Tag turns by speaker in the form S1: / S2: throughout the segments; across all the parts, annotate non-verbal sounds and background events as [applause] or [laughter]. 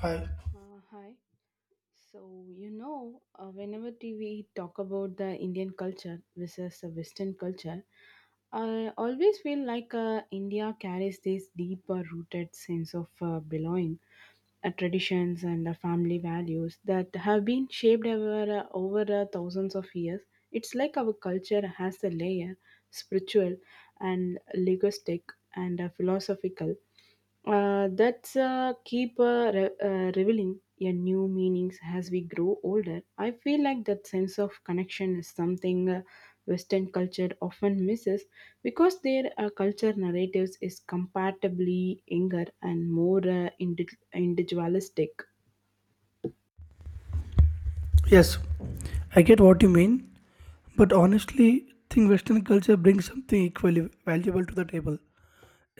S1: Hi.
S2: Hi. So, whenever we talk about the Indian culture versus the Western culture, I always feel like India carries this deeper rooted sense of belonging, traditions, and family values that have been shaped over thousands of years. It's like our culture has a layer spiritual and linguistic and philosophical that's keep revealing your new meanings as we grow older. I feel like that sense of connection is something Western culture often misses because their culture narratives is comparatively younger and more individualistic.
S1: Yes, I get what you mean, but honestly, think Western culture brings something equally valuable to the table.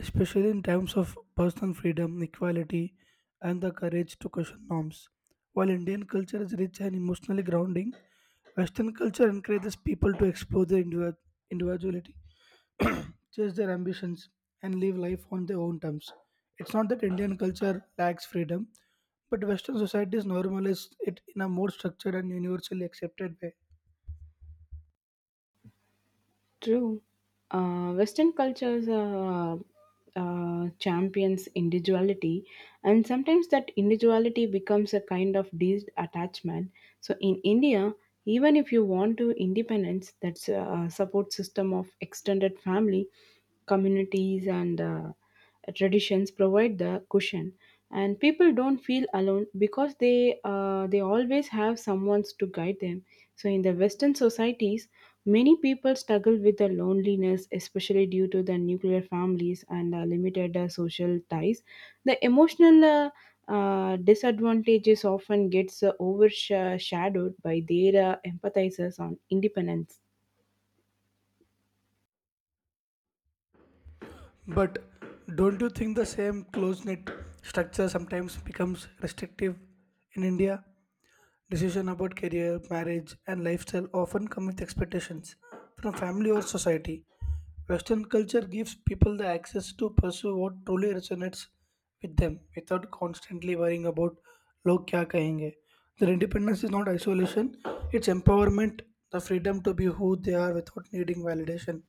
S1: Especially in times of personal freedom, equality, and the courage to question norms. While Indian culture is rich and emotionally grounding, Western culture encourages people to explore their individuality, [clears throat] chase their ambitions, and live life on their own terms. It's not that Indian culture lacks freedom, but Western societies normalize it in a more structured and universally accepted way.
S2: True. Western cultures champions individuality, and sometimes that individuality becomes a kind of detachment. So in India, even if you want to independence, that's a support system of extended family, communities, and traditions provide the cushion, and people don't feel alone because they always have someone to guide them. So in the Western societies, many people struggle with the loneliness, especially due to the nuclear families and limited social ties. The emotional disadvantages often gets overshadowed by their empathizers on independence.
S1: But don't you think the same close knit structure sometimes becomes restrictive in India? Decision about career, marriage, and lifestyle often come with expectations from family or society. Western culture gives people the access to pursue what truly resonates with them without constantly worrying about log kya kahenge. Their independence is not isolation, it's empowerment, the freedom to be who they are without needing validation.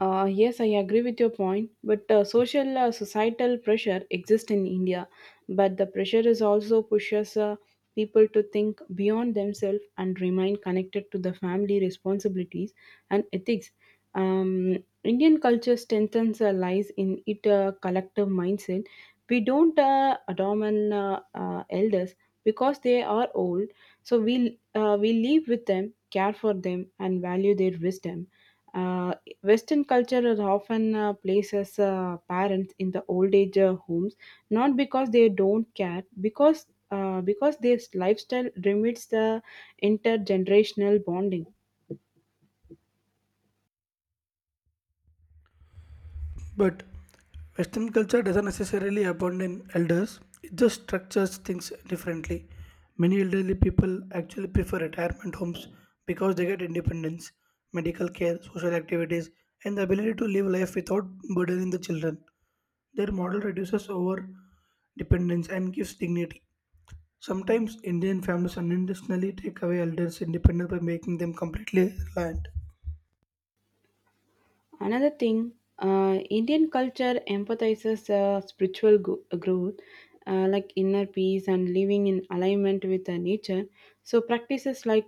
S2: Yes, I agree with your point, but social societal pressure exists in India, but the pressure is also pushes people to think beyond themselves and remain connected to the family responsibilities and ethics. Indian culture strengthens lies in it collective mindset. We don't adorn elders because they are old, so we live with them, care for them, and value their wisdom. Uh, Western culture is often places parents in the old age homes, not because they don't care, because their lifestyle limits the intergenerational bonding.
S1: But Western culture doesn't necessarily abandon elders, it just structures things differently. Many elderly people actually prefer retirement homes because they get independence, medical care, social activities, and the ability to live life without burdening the children. Their model reduces over dependence and gives dignity. Sometimes Indian families unintentionally take away elders' independence by making them completely reliant.
S2: Another thing, Indian culture empathizes spiritual growth, like inner peace and living in alignment with the nature. So, practices like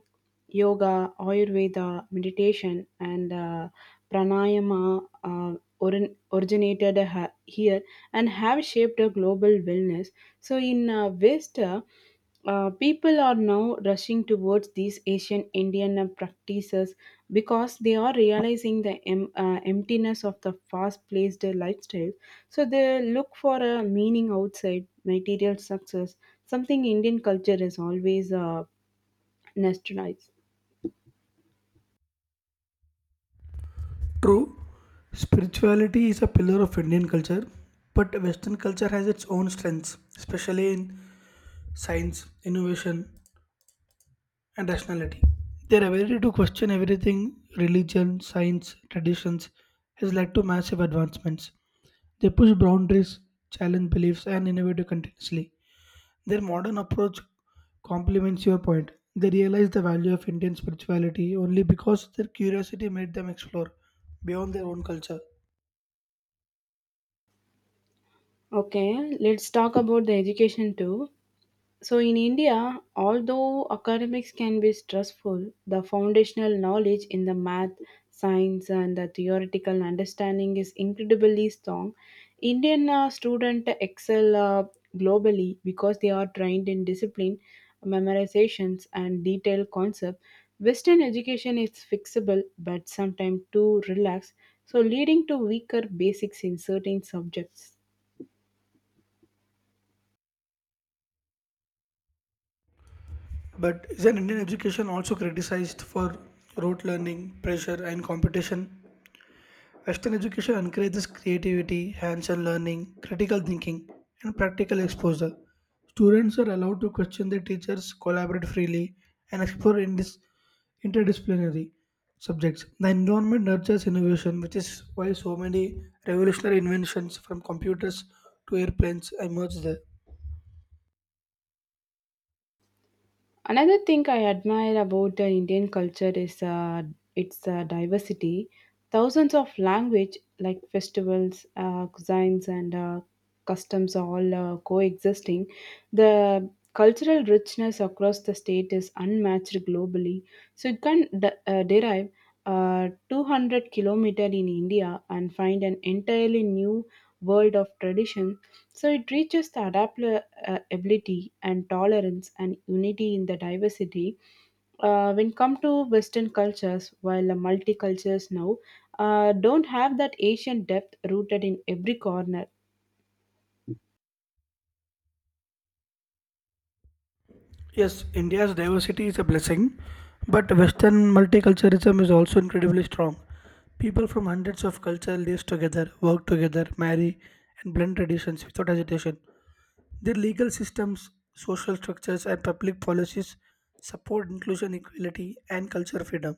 S2: yoga, Ayurveda, meditation, and pranayama originated here and have shaped a global wellness. So, in West, people are now rushing towards these Asian Indian practices because they are realizing the emptiness of the fast paced lifestyle. So they look for a meaning outside material success, something Indian culture is always nostalgic.
S1: True, spirituality is a pillar of Indian culture, but Western culture has its own strengths, especially in science, innovation, and rationality. Their ability to question everything religion, science, traditions has led to massive advancements. They push boundaries, challenge beliefs, and innovate continuously. Their modern approach complements your point. They realize the value of Indian spirituality only because their curiosity made them explore beyond their own culture.
S2: Okay, let's talk about the education too. So, in India, although academics can be stressful, the foundational knowledge in the math, science, and the theoretical understanding is incredibly strong. Indian students excel globally because they are trained in discipline, memorizations, and detailed concepts. Western education is fixable but sometimes too relaxed, so leading to weaker basics in certain subjects.
S1: But isn't Indian education also criticized for rote learning, pressure, and competition? Western education encourages creativity, hands on learning, critical thinking, and practical exposure. Students are allowed to question their teachers, collaborate freely, and explore in this interdisciplinary subjects. The environment nurtures innovation, which is why so many revolutionary inventions from computers to airplanes emerge there.
S2: Another thing I admire about the Indian culture is its diversity. Thousands of language like festivals, cuisines, and customs are all coexisting. The cultural richness across the state is unmatched globally. So you can derive 200 kilometer in India and find an entirely new world of tradition. So it reaches the adaptable ability and tolerance and unity in the diversity, when come to Western cultures, while the multicultures now don't have that Asian depth rooted in every corner.
S1: Yes, India's diversity is a blessing, but Western multiculturalism is also incredibly strong. People from hundreds of cultures live together, work together, marry, and blend traditions without hesitation. Their legal systems, social structures, and public policies support inclusion, equality, and cultural freedom.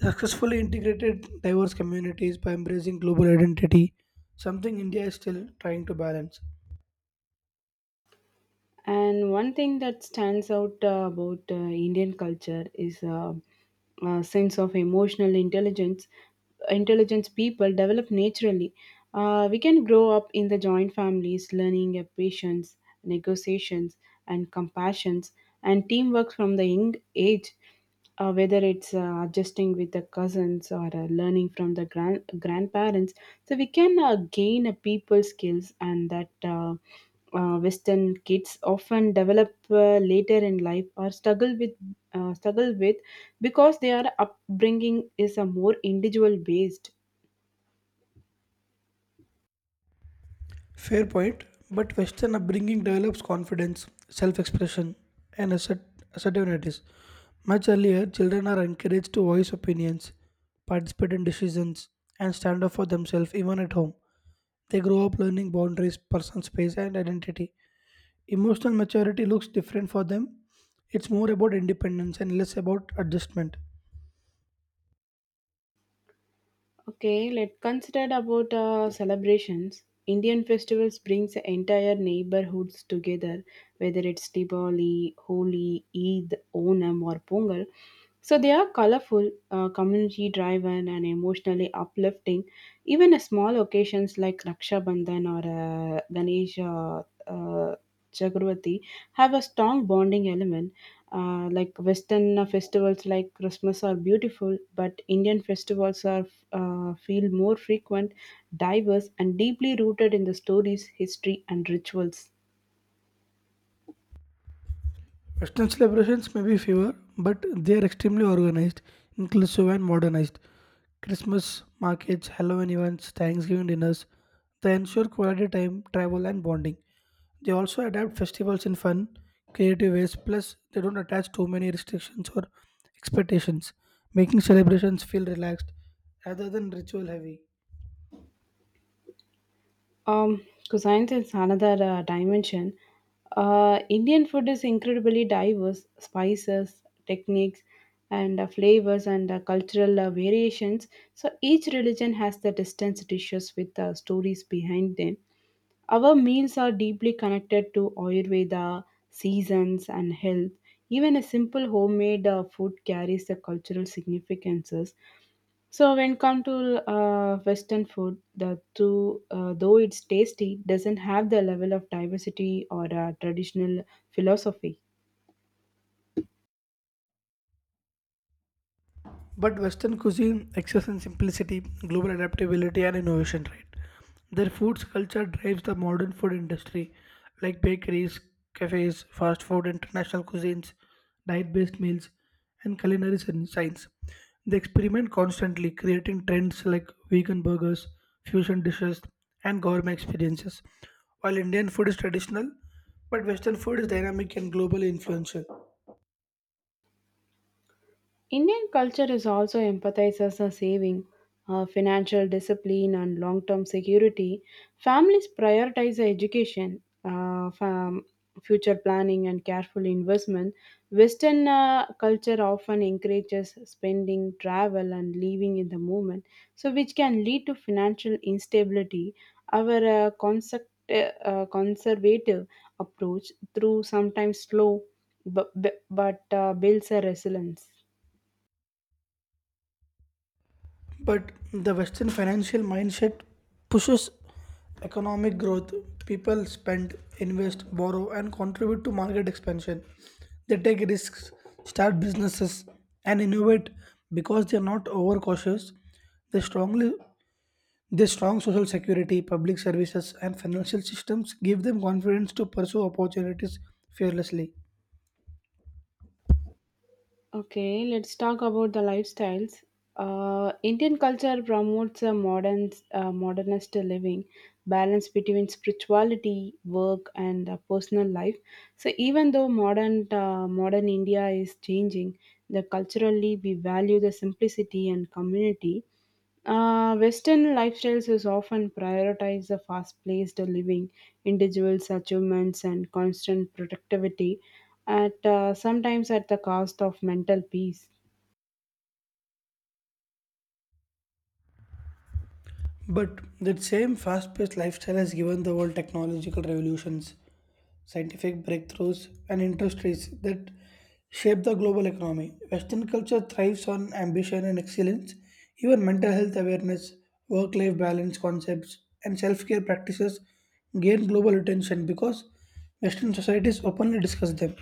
S1: Successfully integrated diverse communities by embracing global identity, something India is still trying to balance.
S2: And one thing that stands out about Indian culture is a sense of emotional intelligence. Intelligence people develop naturally. We can grow up in the joint families, learning patience, negotiations, and compassions, and teamwork from the young age. Whether it's adjusting with the cousins or learning from the grandparents, so we can gain a people skills. And that Western kids often develop later in life or struggle with because their upbringing is a more individual based.
S1: Fair point, but Western upbringing develops confidence, self expression, and assertiveness. Much earlier, children are encouraged to voice opinions, participate in decisions, and stand up for themselves even at home. They grow up learning boundaries, personal space, and identity. Emotional maturity looks different for them. It's more about independence and less about adjustment.
S2: Okay, let's consider about celebrations. Indian festivals brings the entire neighborhoods together, whether it's Diwali, Holi, Eid, Onam, or Pongal. So they are colorful, community-driven, and emotionally uplifting. Even a small occasions like Raksha Bandhan or Ganesh uh, Chakravarti have a strong bonding element. Like Western festivals like Christmas are beautiful, but Indian festivals are feel more frequent, diverse, and deeply rooted in the stories, history, and rituals.
S1: Western celebrations may be fewer, but they are extremely organized, inclusive, and modernized. Christmas markets, Halloween events, Thanksgiving dinners, they ensure quality time, travel, and bonding. They also adapt festivals in fun, creative ways, plus, they don't attach too many restrictions or expectations, making celebrations feel relaxed rather than ritual heavy.
S2: Cuisine is another dimension. Indian food is incredibly diverse. Spices, techniques, and flavors and cultural variations. So each religion has the distinct dishes with stories behind them. Our meals are deeply connected to Ayurveda, seasons, and health. Even a simple homemade food carries the cultural significances. So, when come to Western food, the two, though it's tasty, doesn't have the level of diversity or traditional philosophy.
S1: But Western cuisine excels in simplicity, global adaptability, and innovation, right? Their food's culture drives the modern food industry, like bakeries, cafes, fast food, international cuisines, diet based meals, and culinary science. They experiment constantly, creating trends like vegan burgers, fusion dishes, and gourmet experiences. While Indian food is traditional, but Western food is dynamic and globally influential.
S2: Indian culture is also emphasizes on saving, financial discipline, and long term security. Families prioritize education, future planning, and careful investment. Western culture often encourages spending, travel, and living in the moment, so which can lead to financial instability. Our concept, conservative approach, through sometimes slow, but builds a resilience.
S1: But the Western financial mindset pushes economic growth. People spend, invest, borrow, and contribute to market expansion. They take risks, start businesses, and innovate because they are not overcautious. They strongly their strong social security, public services, and financial systems give them confidence to pursue opportunities fearlessly.
S2: Okay, let's talk about the lifestyles. Indian culture promotes a modernist living, balance between spirituality, work, and personal life. So even though modern India is changing, the culturally we value the simplicity and community. Western lifestyles is often prioritize the fast-paced living, individuals' achievements, and constant productivity, at sometimes at the cost of mental peace.
S1: But that same fast paced lifestyle has given the world technological revolutions, scientific breakthroughs, and industries that shape the global economy. Western culture thrives on ambition and excellence. Even mental health awareness, work life balance concepts, and self care practices gain global attention because Western societies openly discuss them.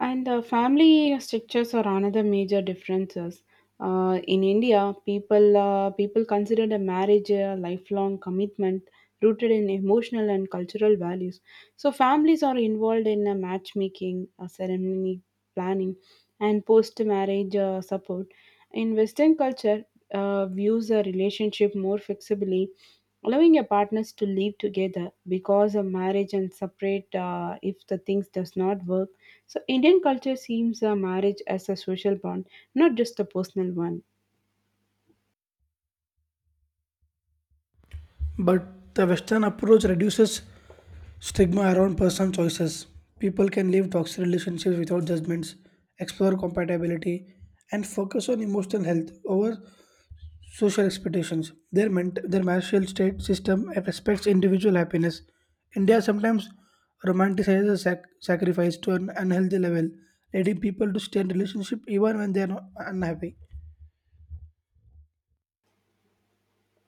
S2: And family structures are another major differences. In India, people consider a marriage a lifelong commitment rooted in emotional and cultural values. So families are involved in matchmaking, ceremony planning, and post-marriage support. In Western culture, views a relationship more flexibly, allowing your partners to live together because of marriage and separate if the things does not work. So Indian culture seems a marriage as a social bond, not just a personal one.
S1: But the Western approach reduces stigma around personal choices. People can live toxic relationships without judgments, explore compatibility, and focus on emotional health over social expectations. Their, their martial state system respects individual happiness. India sometimes romanticizes sacrifice to an unhealthy level, leading people to stay in relationship even when they are not unhappy.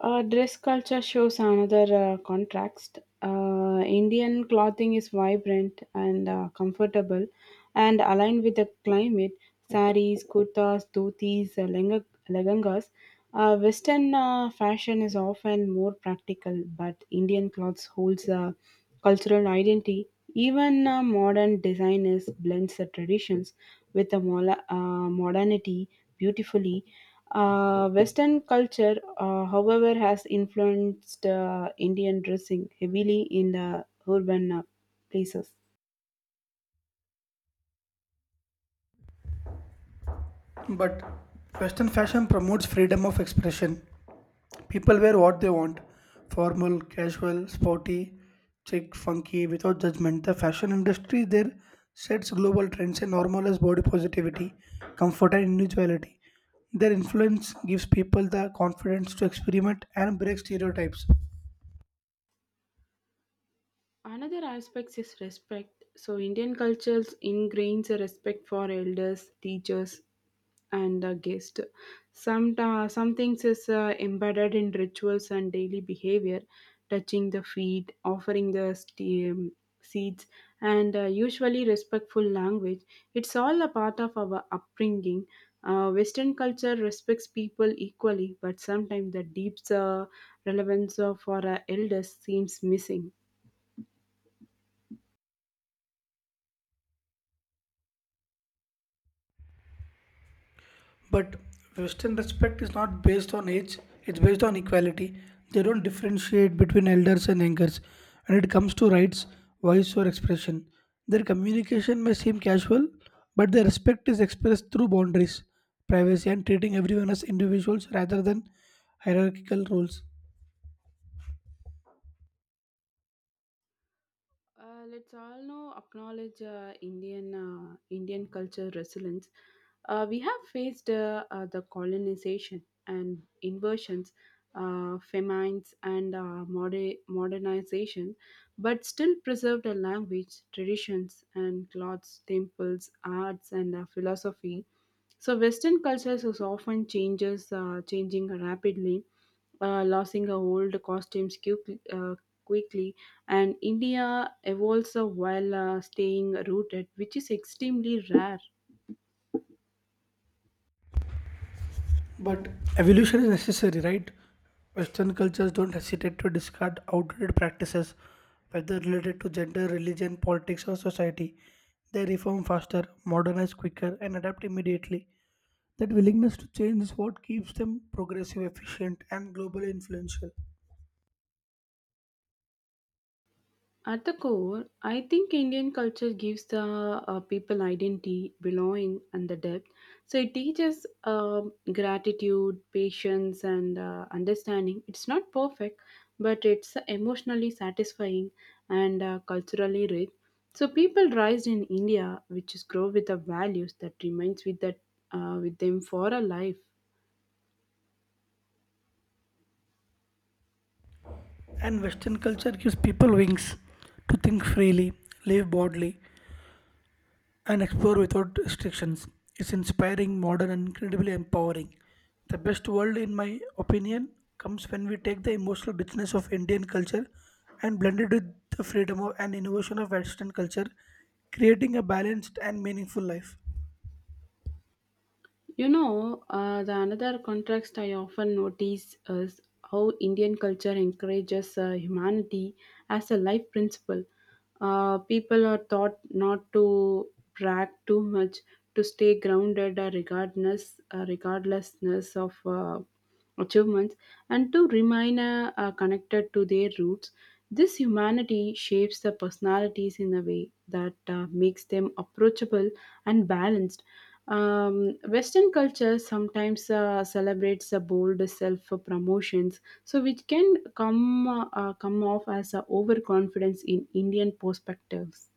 S2: Dress culture shows another contrast. Indian clothing is vibrant and comfortable and aligned with the climate. Saris, kurtas, dhotis, lehengas. Western fashion is often more practical, but Indian clothes holds a cultural identity. Even modern designers blends the traditions with the modernity beautifully. Western culture, however, has influenced Indian dressing heavily in the urban places.
S1: But Western fashion promotes freedom of expression, people wear what they want formal, casual, sporty, chic, funky, without judgment. The fashion industry there sets global trends and normalizes body positivity, comfort, and individuality. Their influence gives people the confidence to experiment and break stereotypes.
S2: Another aspect is respect. So, Indian culture ingrains a respect for elders, teachers, and guests. Some things is embedded in rituals and daily behavior, touching the feet, offering the seeds, and usually respectful language. It's all a part of our upbringing. Western culture respects people equally, but sometimes the deep relevance of our elders seems missing.
S1: But Western respect is not based on age, it's based on equality. They don't differentiate between elders and youngers. When it comes to rights, voice, or expression, their communication may seem casual, but their respect is expressed through boundaries, privacy, and treating everyone as individuals rather than hierarchical roles.
S2: Let's all know acknowledge Indian culture resilience. We have faced the colonization and inversions, famines, and modernization, but still preserved a language, traditions, and clothes, temples, arts, and philosophy. So Western cultures is often changes changing rapidly, losing our old costumes quickly, and India evolves while staying rooted, which is extremely rare.
S1: But evolution is necessary, right? Western cultures don't hesitate to discard outdated practices, whether related to gender, religion, politics, or society. They reform faster, modernize quicker, and adapt immediately. That willingness to change is what keeps them progressive, efficient, and globally influential.
S2: At the core, I think Indian culture gives the people identity, belonging, and the depth. So it teaches gratitude, patience, and understanding. It's not perfect, but it's emotionally satisfying and culturally rich. So people raised in India, which is grow with the values that remains with them for a life.
S1: And Western culture gives people wings to think freely, live boldly, and explore without restrictions. It's inspiring, modern, and incredibly empowering. The best world, in my opinion, comes when we take the emotional richness of Indian culture and blend it with the freedom of and innovation of Western culture, creating a balanced and meaningful life.
S2: You know, the another contrast I often notice is how Indian culture encourages humanity as a life principle. People are taught not to brag too much, to stay grounded, regardlessness of achievements, and to remain connected to their roots. This humanity shapes the personalities in a way that makes them approachable and balanced. Western culture sometimes celebrates the bold self promotions, so which can come off as a overconfidence in Indian perspectives.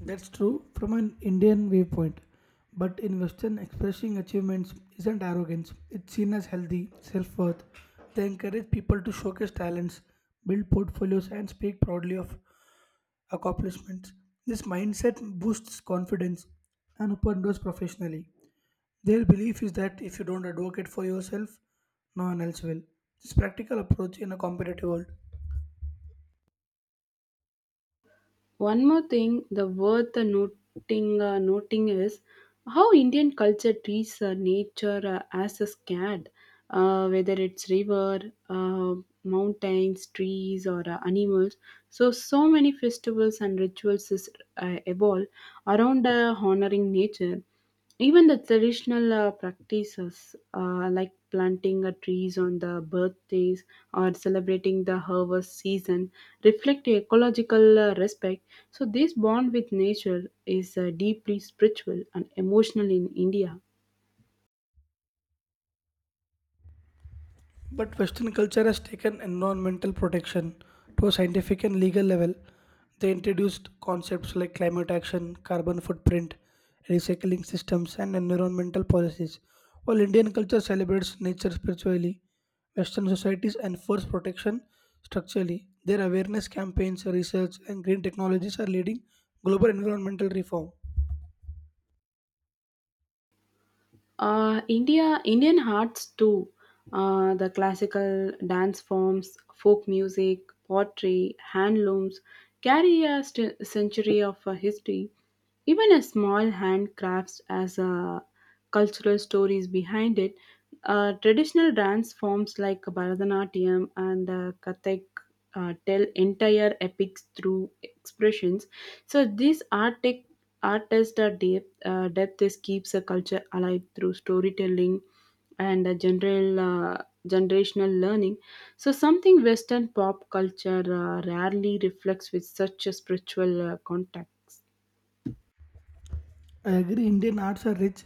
S1: That's true from an Indian viewpoint. But in Western, expressing achievements isn't arrogance, it's seen as healthy self worth. They encourage people to showcase talents, build portfolios, and speak proudly of accomplishments. This mindset boosts confidence and open doors professionally. Their belief is that if you don't advocate for yourself, no one else will. This practical approach in a competitive world.
S2: One more thing, the worth the noting is how Indian culture treats nature as a scared, whether it's river, uh, mountains, trees, or animals. So many festivals and rituals is evolve around honoring nature. Even the traditional practices like planting trees on the birthdays or celebrating the harvest season reflect ecological respect. So, this bond with nature is deeply spiritual and emotional in India.
S1: But Western culture has taken environmental protection to a scientific and legal level. They introduced concepts like climate action, carbon footprint, recycling systems, and environmental policies. While Indian culture celebrates nature spiritually, Western societies enforce protection structurally. Their awareness campaigns, research, and green technologies are leading global environmental reform.
S2: Indian arts too. The classical dance forms, folk music, pottery, handlooms carry a century of history. Even a small handcrafts as a cultural stories behind it. Traditional dance forms like Bharatanatyam and Kathak tell entire epics through expressions. So this artistic artist depth depth is keeps a culture alive through storytelling and general generational learning. So something Western pop culture rarely reflects with such a spiritual context.
S1: I agree Indian arts are rich,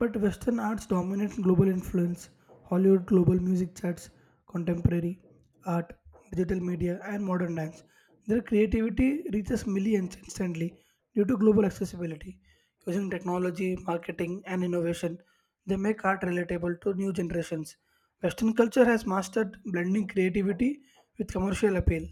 S1: but Western arts dominate global influence. Hollywood global music charts, contemporary art, digital media, and modern dance. Their creativity reaches millions instantly due to global accessibility. Using technology, marketing, and innovation, they make art relatable to new generations. Western culture has mastered blending creativity with commercial appeal.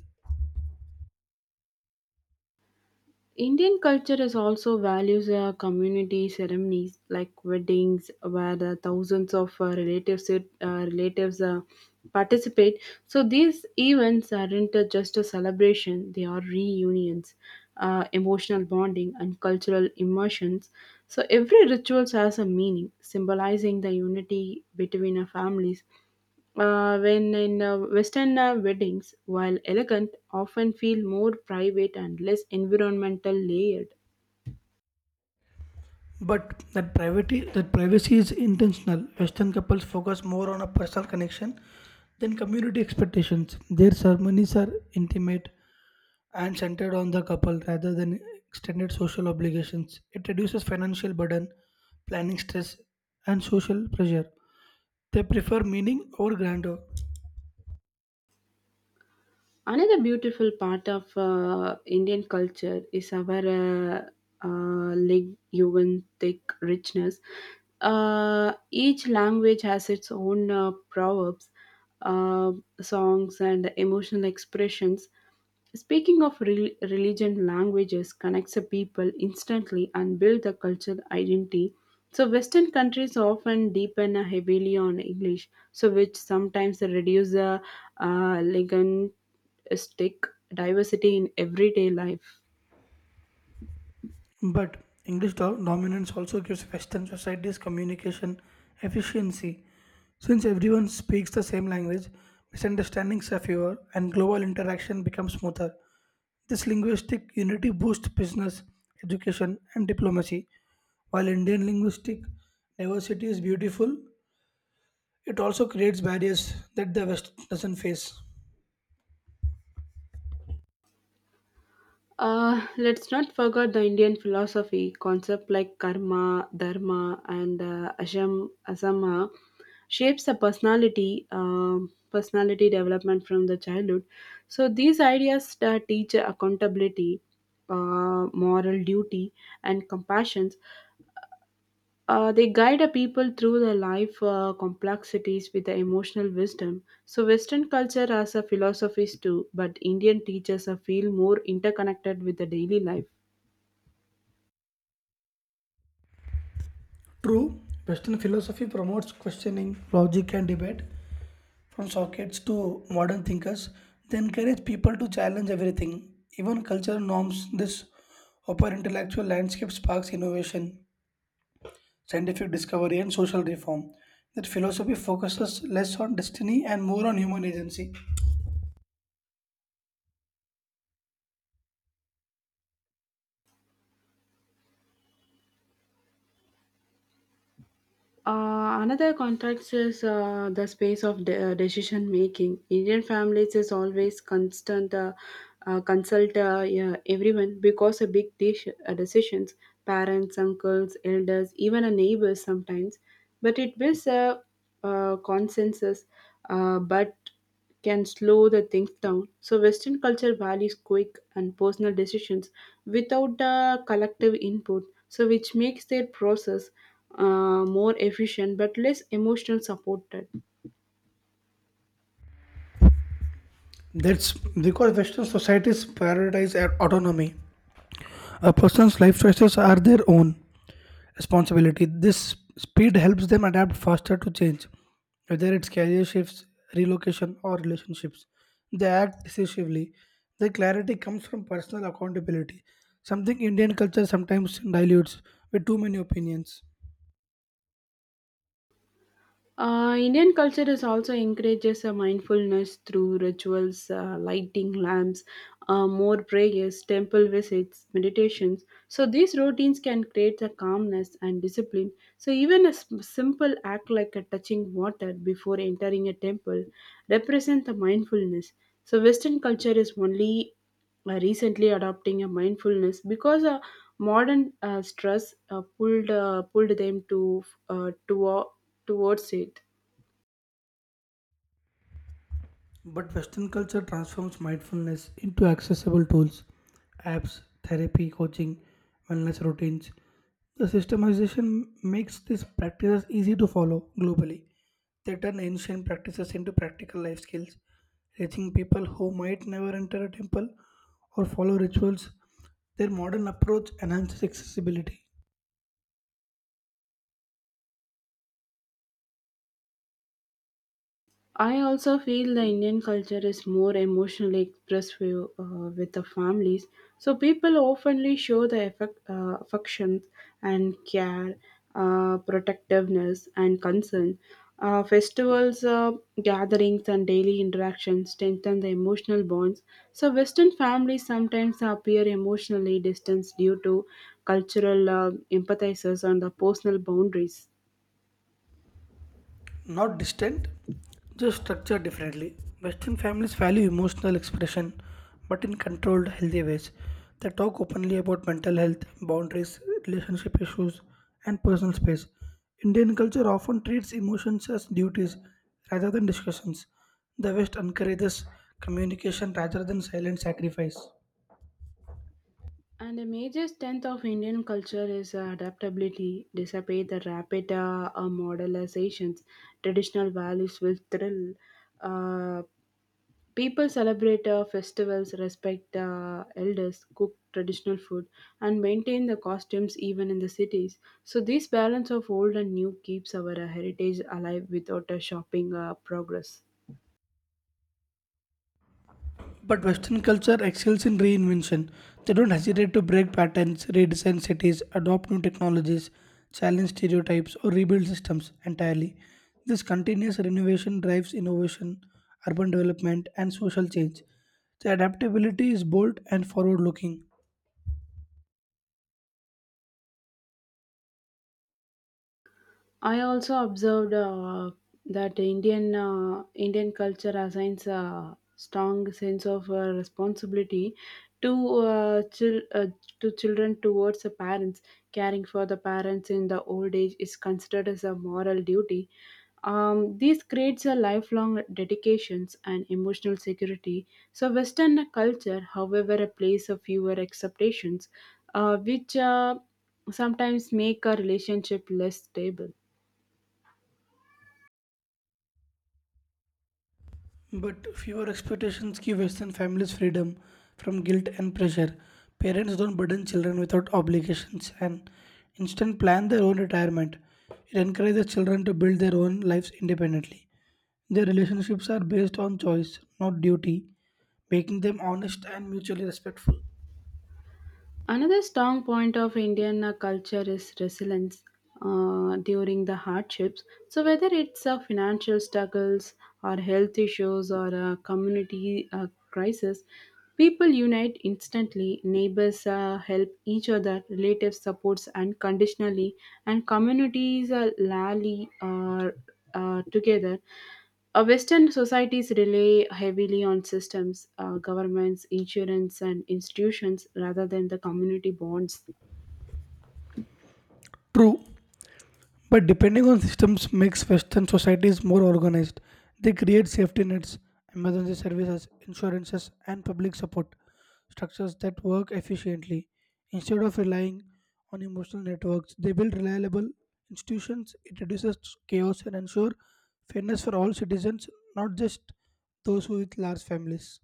S2: Indian culture is also values community ceremonies like weddings, where the thousands of relatives participate. So these events aren't just a celebration; they are reunions, emotional bonding, and cultural immersions. So every ritual has a meaning, symbolizing the unity between our families. When in Western weddings, while elegant, often feel more private and less environmental layered.
S1: But that privacy is intentional. Western couples focus more on a personal connection than community expectations. Their ceremonies are intimate and centered on the couple rather than extended social obligations. It reduces financial burden, planning stress, and social pressure. They prefer meaning over grandeur.
S2: Another beautiful part of Indian culture is our linguistic richness. Each language has its own proverbs, uh, songs, and emotional expressions. Speaking of rel religion, languages connects the people instantly and build the cultural identity. So Western countries often depend heavily on English, so which sometimes reduce the uh, stick diversity in everyday life.
S1: But English dominance also gives Western societies communication efficiency. Since everyone speaks the same language, misunderstandings are fewer and global interaction becomes smoother. This linguistic unity boosts business, education, and diplomacy. While Indian linguistic diversity is beautiful, it also creates barriers that the West doesn't face.
S2: Let's not forget the Indian philosophy concept like karma, dharma, and asham, asama shapes the personality, personality development from the childhood. So these ideas teach accountability, moral duty, and compassion. They guide a people through their life complexities with the emotional wisdom. So, Western culture has a philosophies too, but Indian teachers feel more interconnected with the daily life.
S1: True, Western philosophy promotes questioning, logic, and debate, from sockets to modern thinkers, they encourage people to challenge everything, even cultural norms. This upper intellectual landscape sparks innovation, scientific discovery, and social reform. That philosophy focuses less on destiny and more on human agency.
S2: Another context is the space of decision making. Indian families is always constant consult yeah, everyone because a big dish, decisions, parents, uncles, elders, even a neighbors sometimes. But it builds a consensus. But can slow the things down. So Western culture values quick and personal decisions without the collective input, so which makes their process more efficient but less emotional supported.
S1: That's because Western societies prioritize autonomy. A person's life choices are their own responsibility. This speed helps them adapt faster to change, whether it's career shifts, relocation, or relationships. They act decisively. Their clarity comes from personal accountability, something Indian culture sometimes dilutes with too many opinions.
S2: Indian culture is also encourages a mindfulness through rituals, lighting lamps, more prayers, temple visits, meditations. So these routines can create a calmness and discipline. So even a simple act like a touching water before entering a temple represent the mindfulness. So Western culture is only recently adopting a mindfulness because modern stress pulled pulled them to towards it.
S1: But Western culture transforms mindfulness into accessible tools, apps, therapy, coaching, wellness routines. The systemization makes these practices easy to follow globally. They turn ancient practices into practical life skills, reaching people who might never enter a temple or follow rituals. Their modern approach enhances accessibility,
S2: I also feel the Indian culture is more emotionally expressive with the families, so people oftenly show the affection and care, protectiveness and concern. Festivals, gatherings, and daily interactions strengthen the emotional bonds. So, Western families sometimes appear emotionally distanced due to cultural empathizers and the personal boundaries.
S1: not distant, just structured differently. Western families value emotional expression, but in controlled, healthy ways. They talk openly about mental health, boundaries, relationship issues, and personal space. Indian culture often treats emotions as duties rather than discussions. The West encourages communication rather than silent sacrifice.
S2: And a major strength of Indian culture is adaptability, despite the rapid modernizations. Traditional values will thrill. Uh, People celebrate festivals, respect elders, cook traditional food, and maintain the costumes even in the cities. So this balance of old and new keeps our heritage alive without a shopping progress.
S1: But Western culture excels in reinvention. They don't hesitate to break patterns, redesign cities, adopt new technologies, challenge stereotypes, or rebuild systems entirely. This continuous renovation drives innovation, urban development, and social change. The adaptability is bold and forward looking.
S2: I also observed that Indian culture assigns a strong sense of responsibility to to children towards the parents. Caring for the parents in the old age is considered as a moral duty. This creates a lifelong dedications and emotional security. So Western culture, however, plays a fewer expectations, which sometimes make a relationship less stable.
S1: But fewer expectations give Western families freedom from guilt and pressure. Parents don't burden children without obligations and instead plan their own retirement. It encourages children to build their own lives independently. Their relationships are based on choice, not duty, making them honest and mutually respectful.
S2: Another strong point of Indian culture is resilience during the hardships. So, whether it's financial struggles or health issues or a community crisis, people unite instantly. Neighbors help each other, relatives supports unconditionally, and communities rally together. Western societies rely heavily on systems, governments, insurance, and institutions rather than the community bonds.
S1: True, but depending on systems makes Western societies more organized. They create safety nets, emergency services, insurances, and public support structures that work efficiently. Instead of relying on emotional networks, they build reliable institutions. It reduces chaos and ensure fairness for all citizens, not just those who with large families.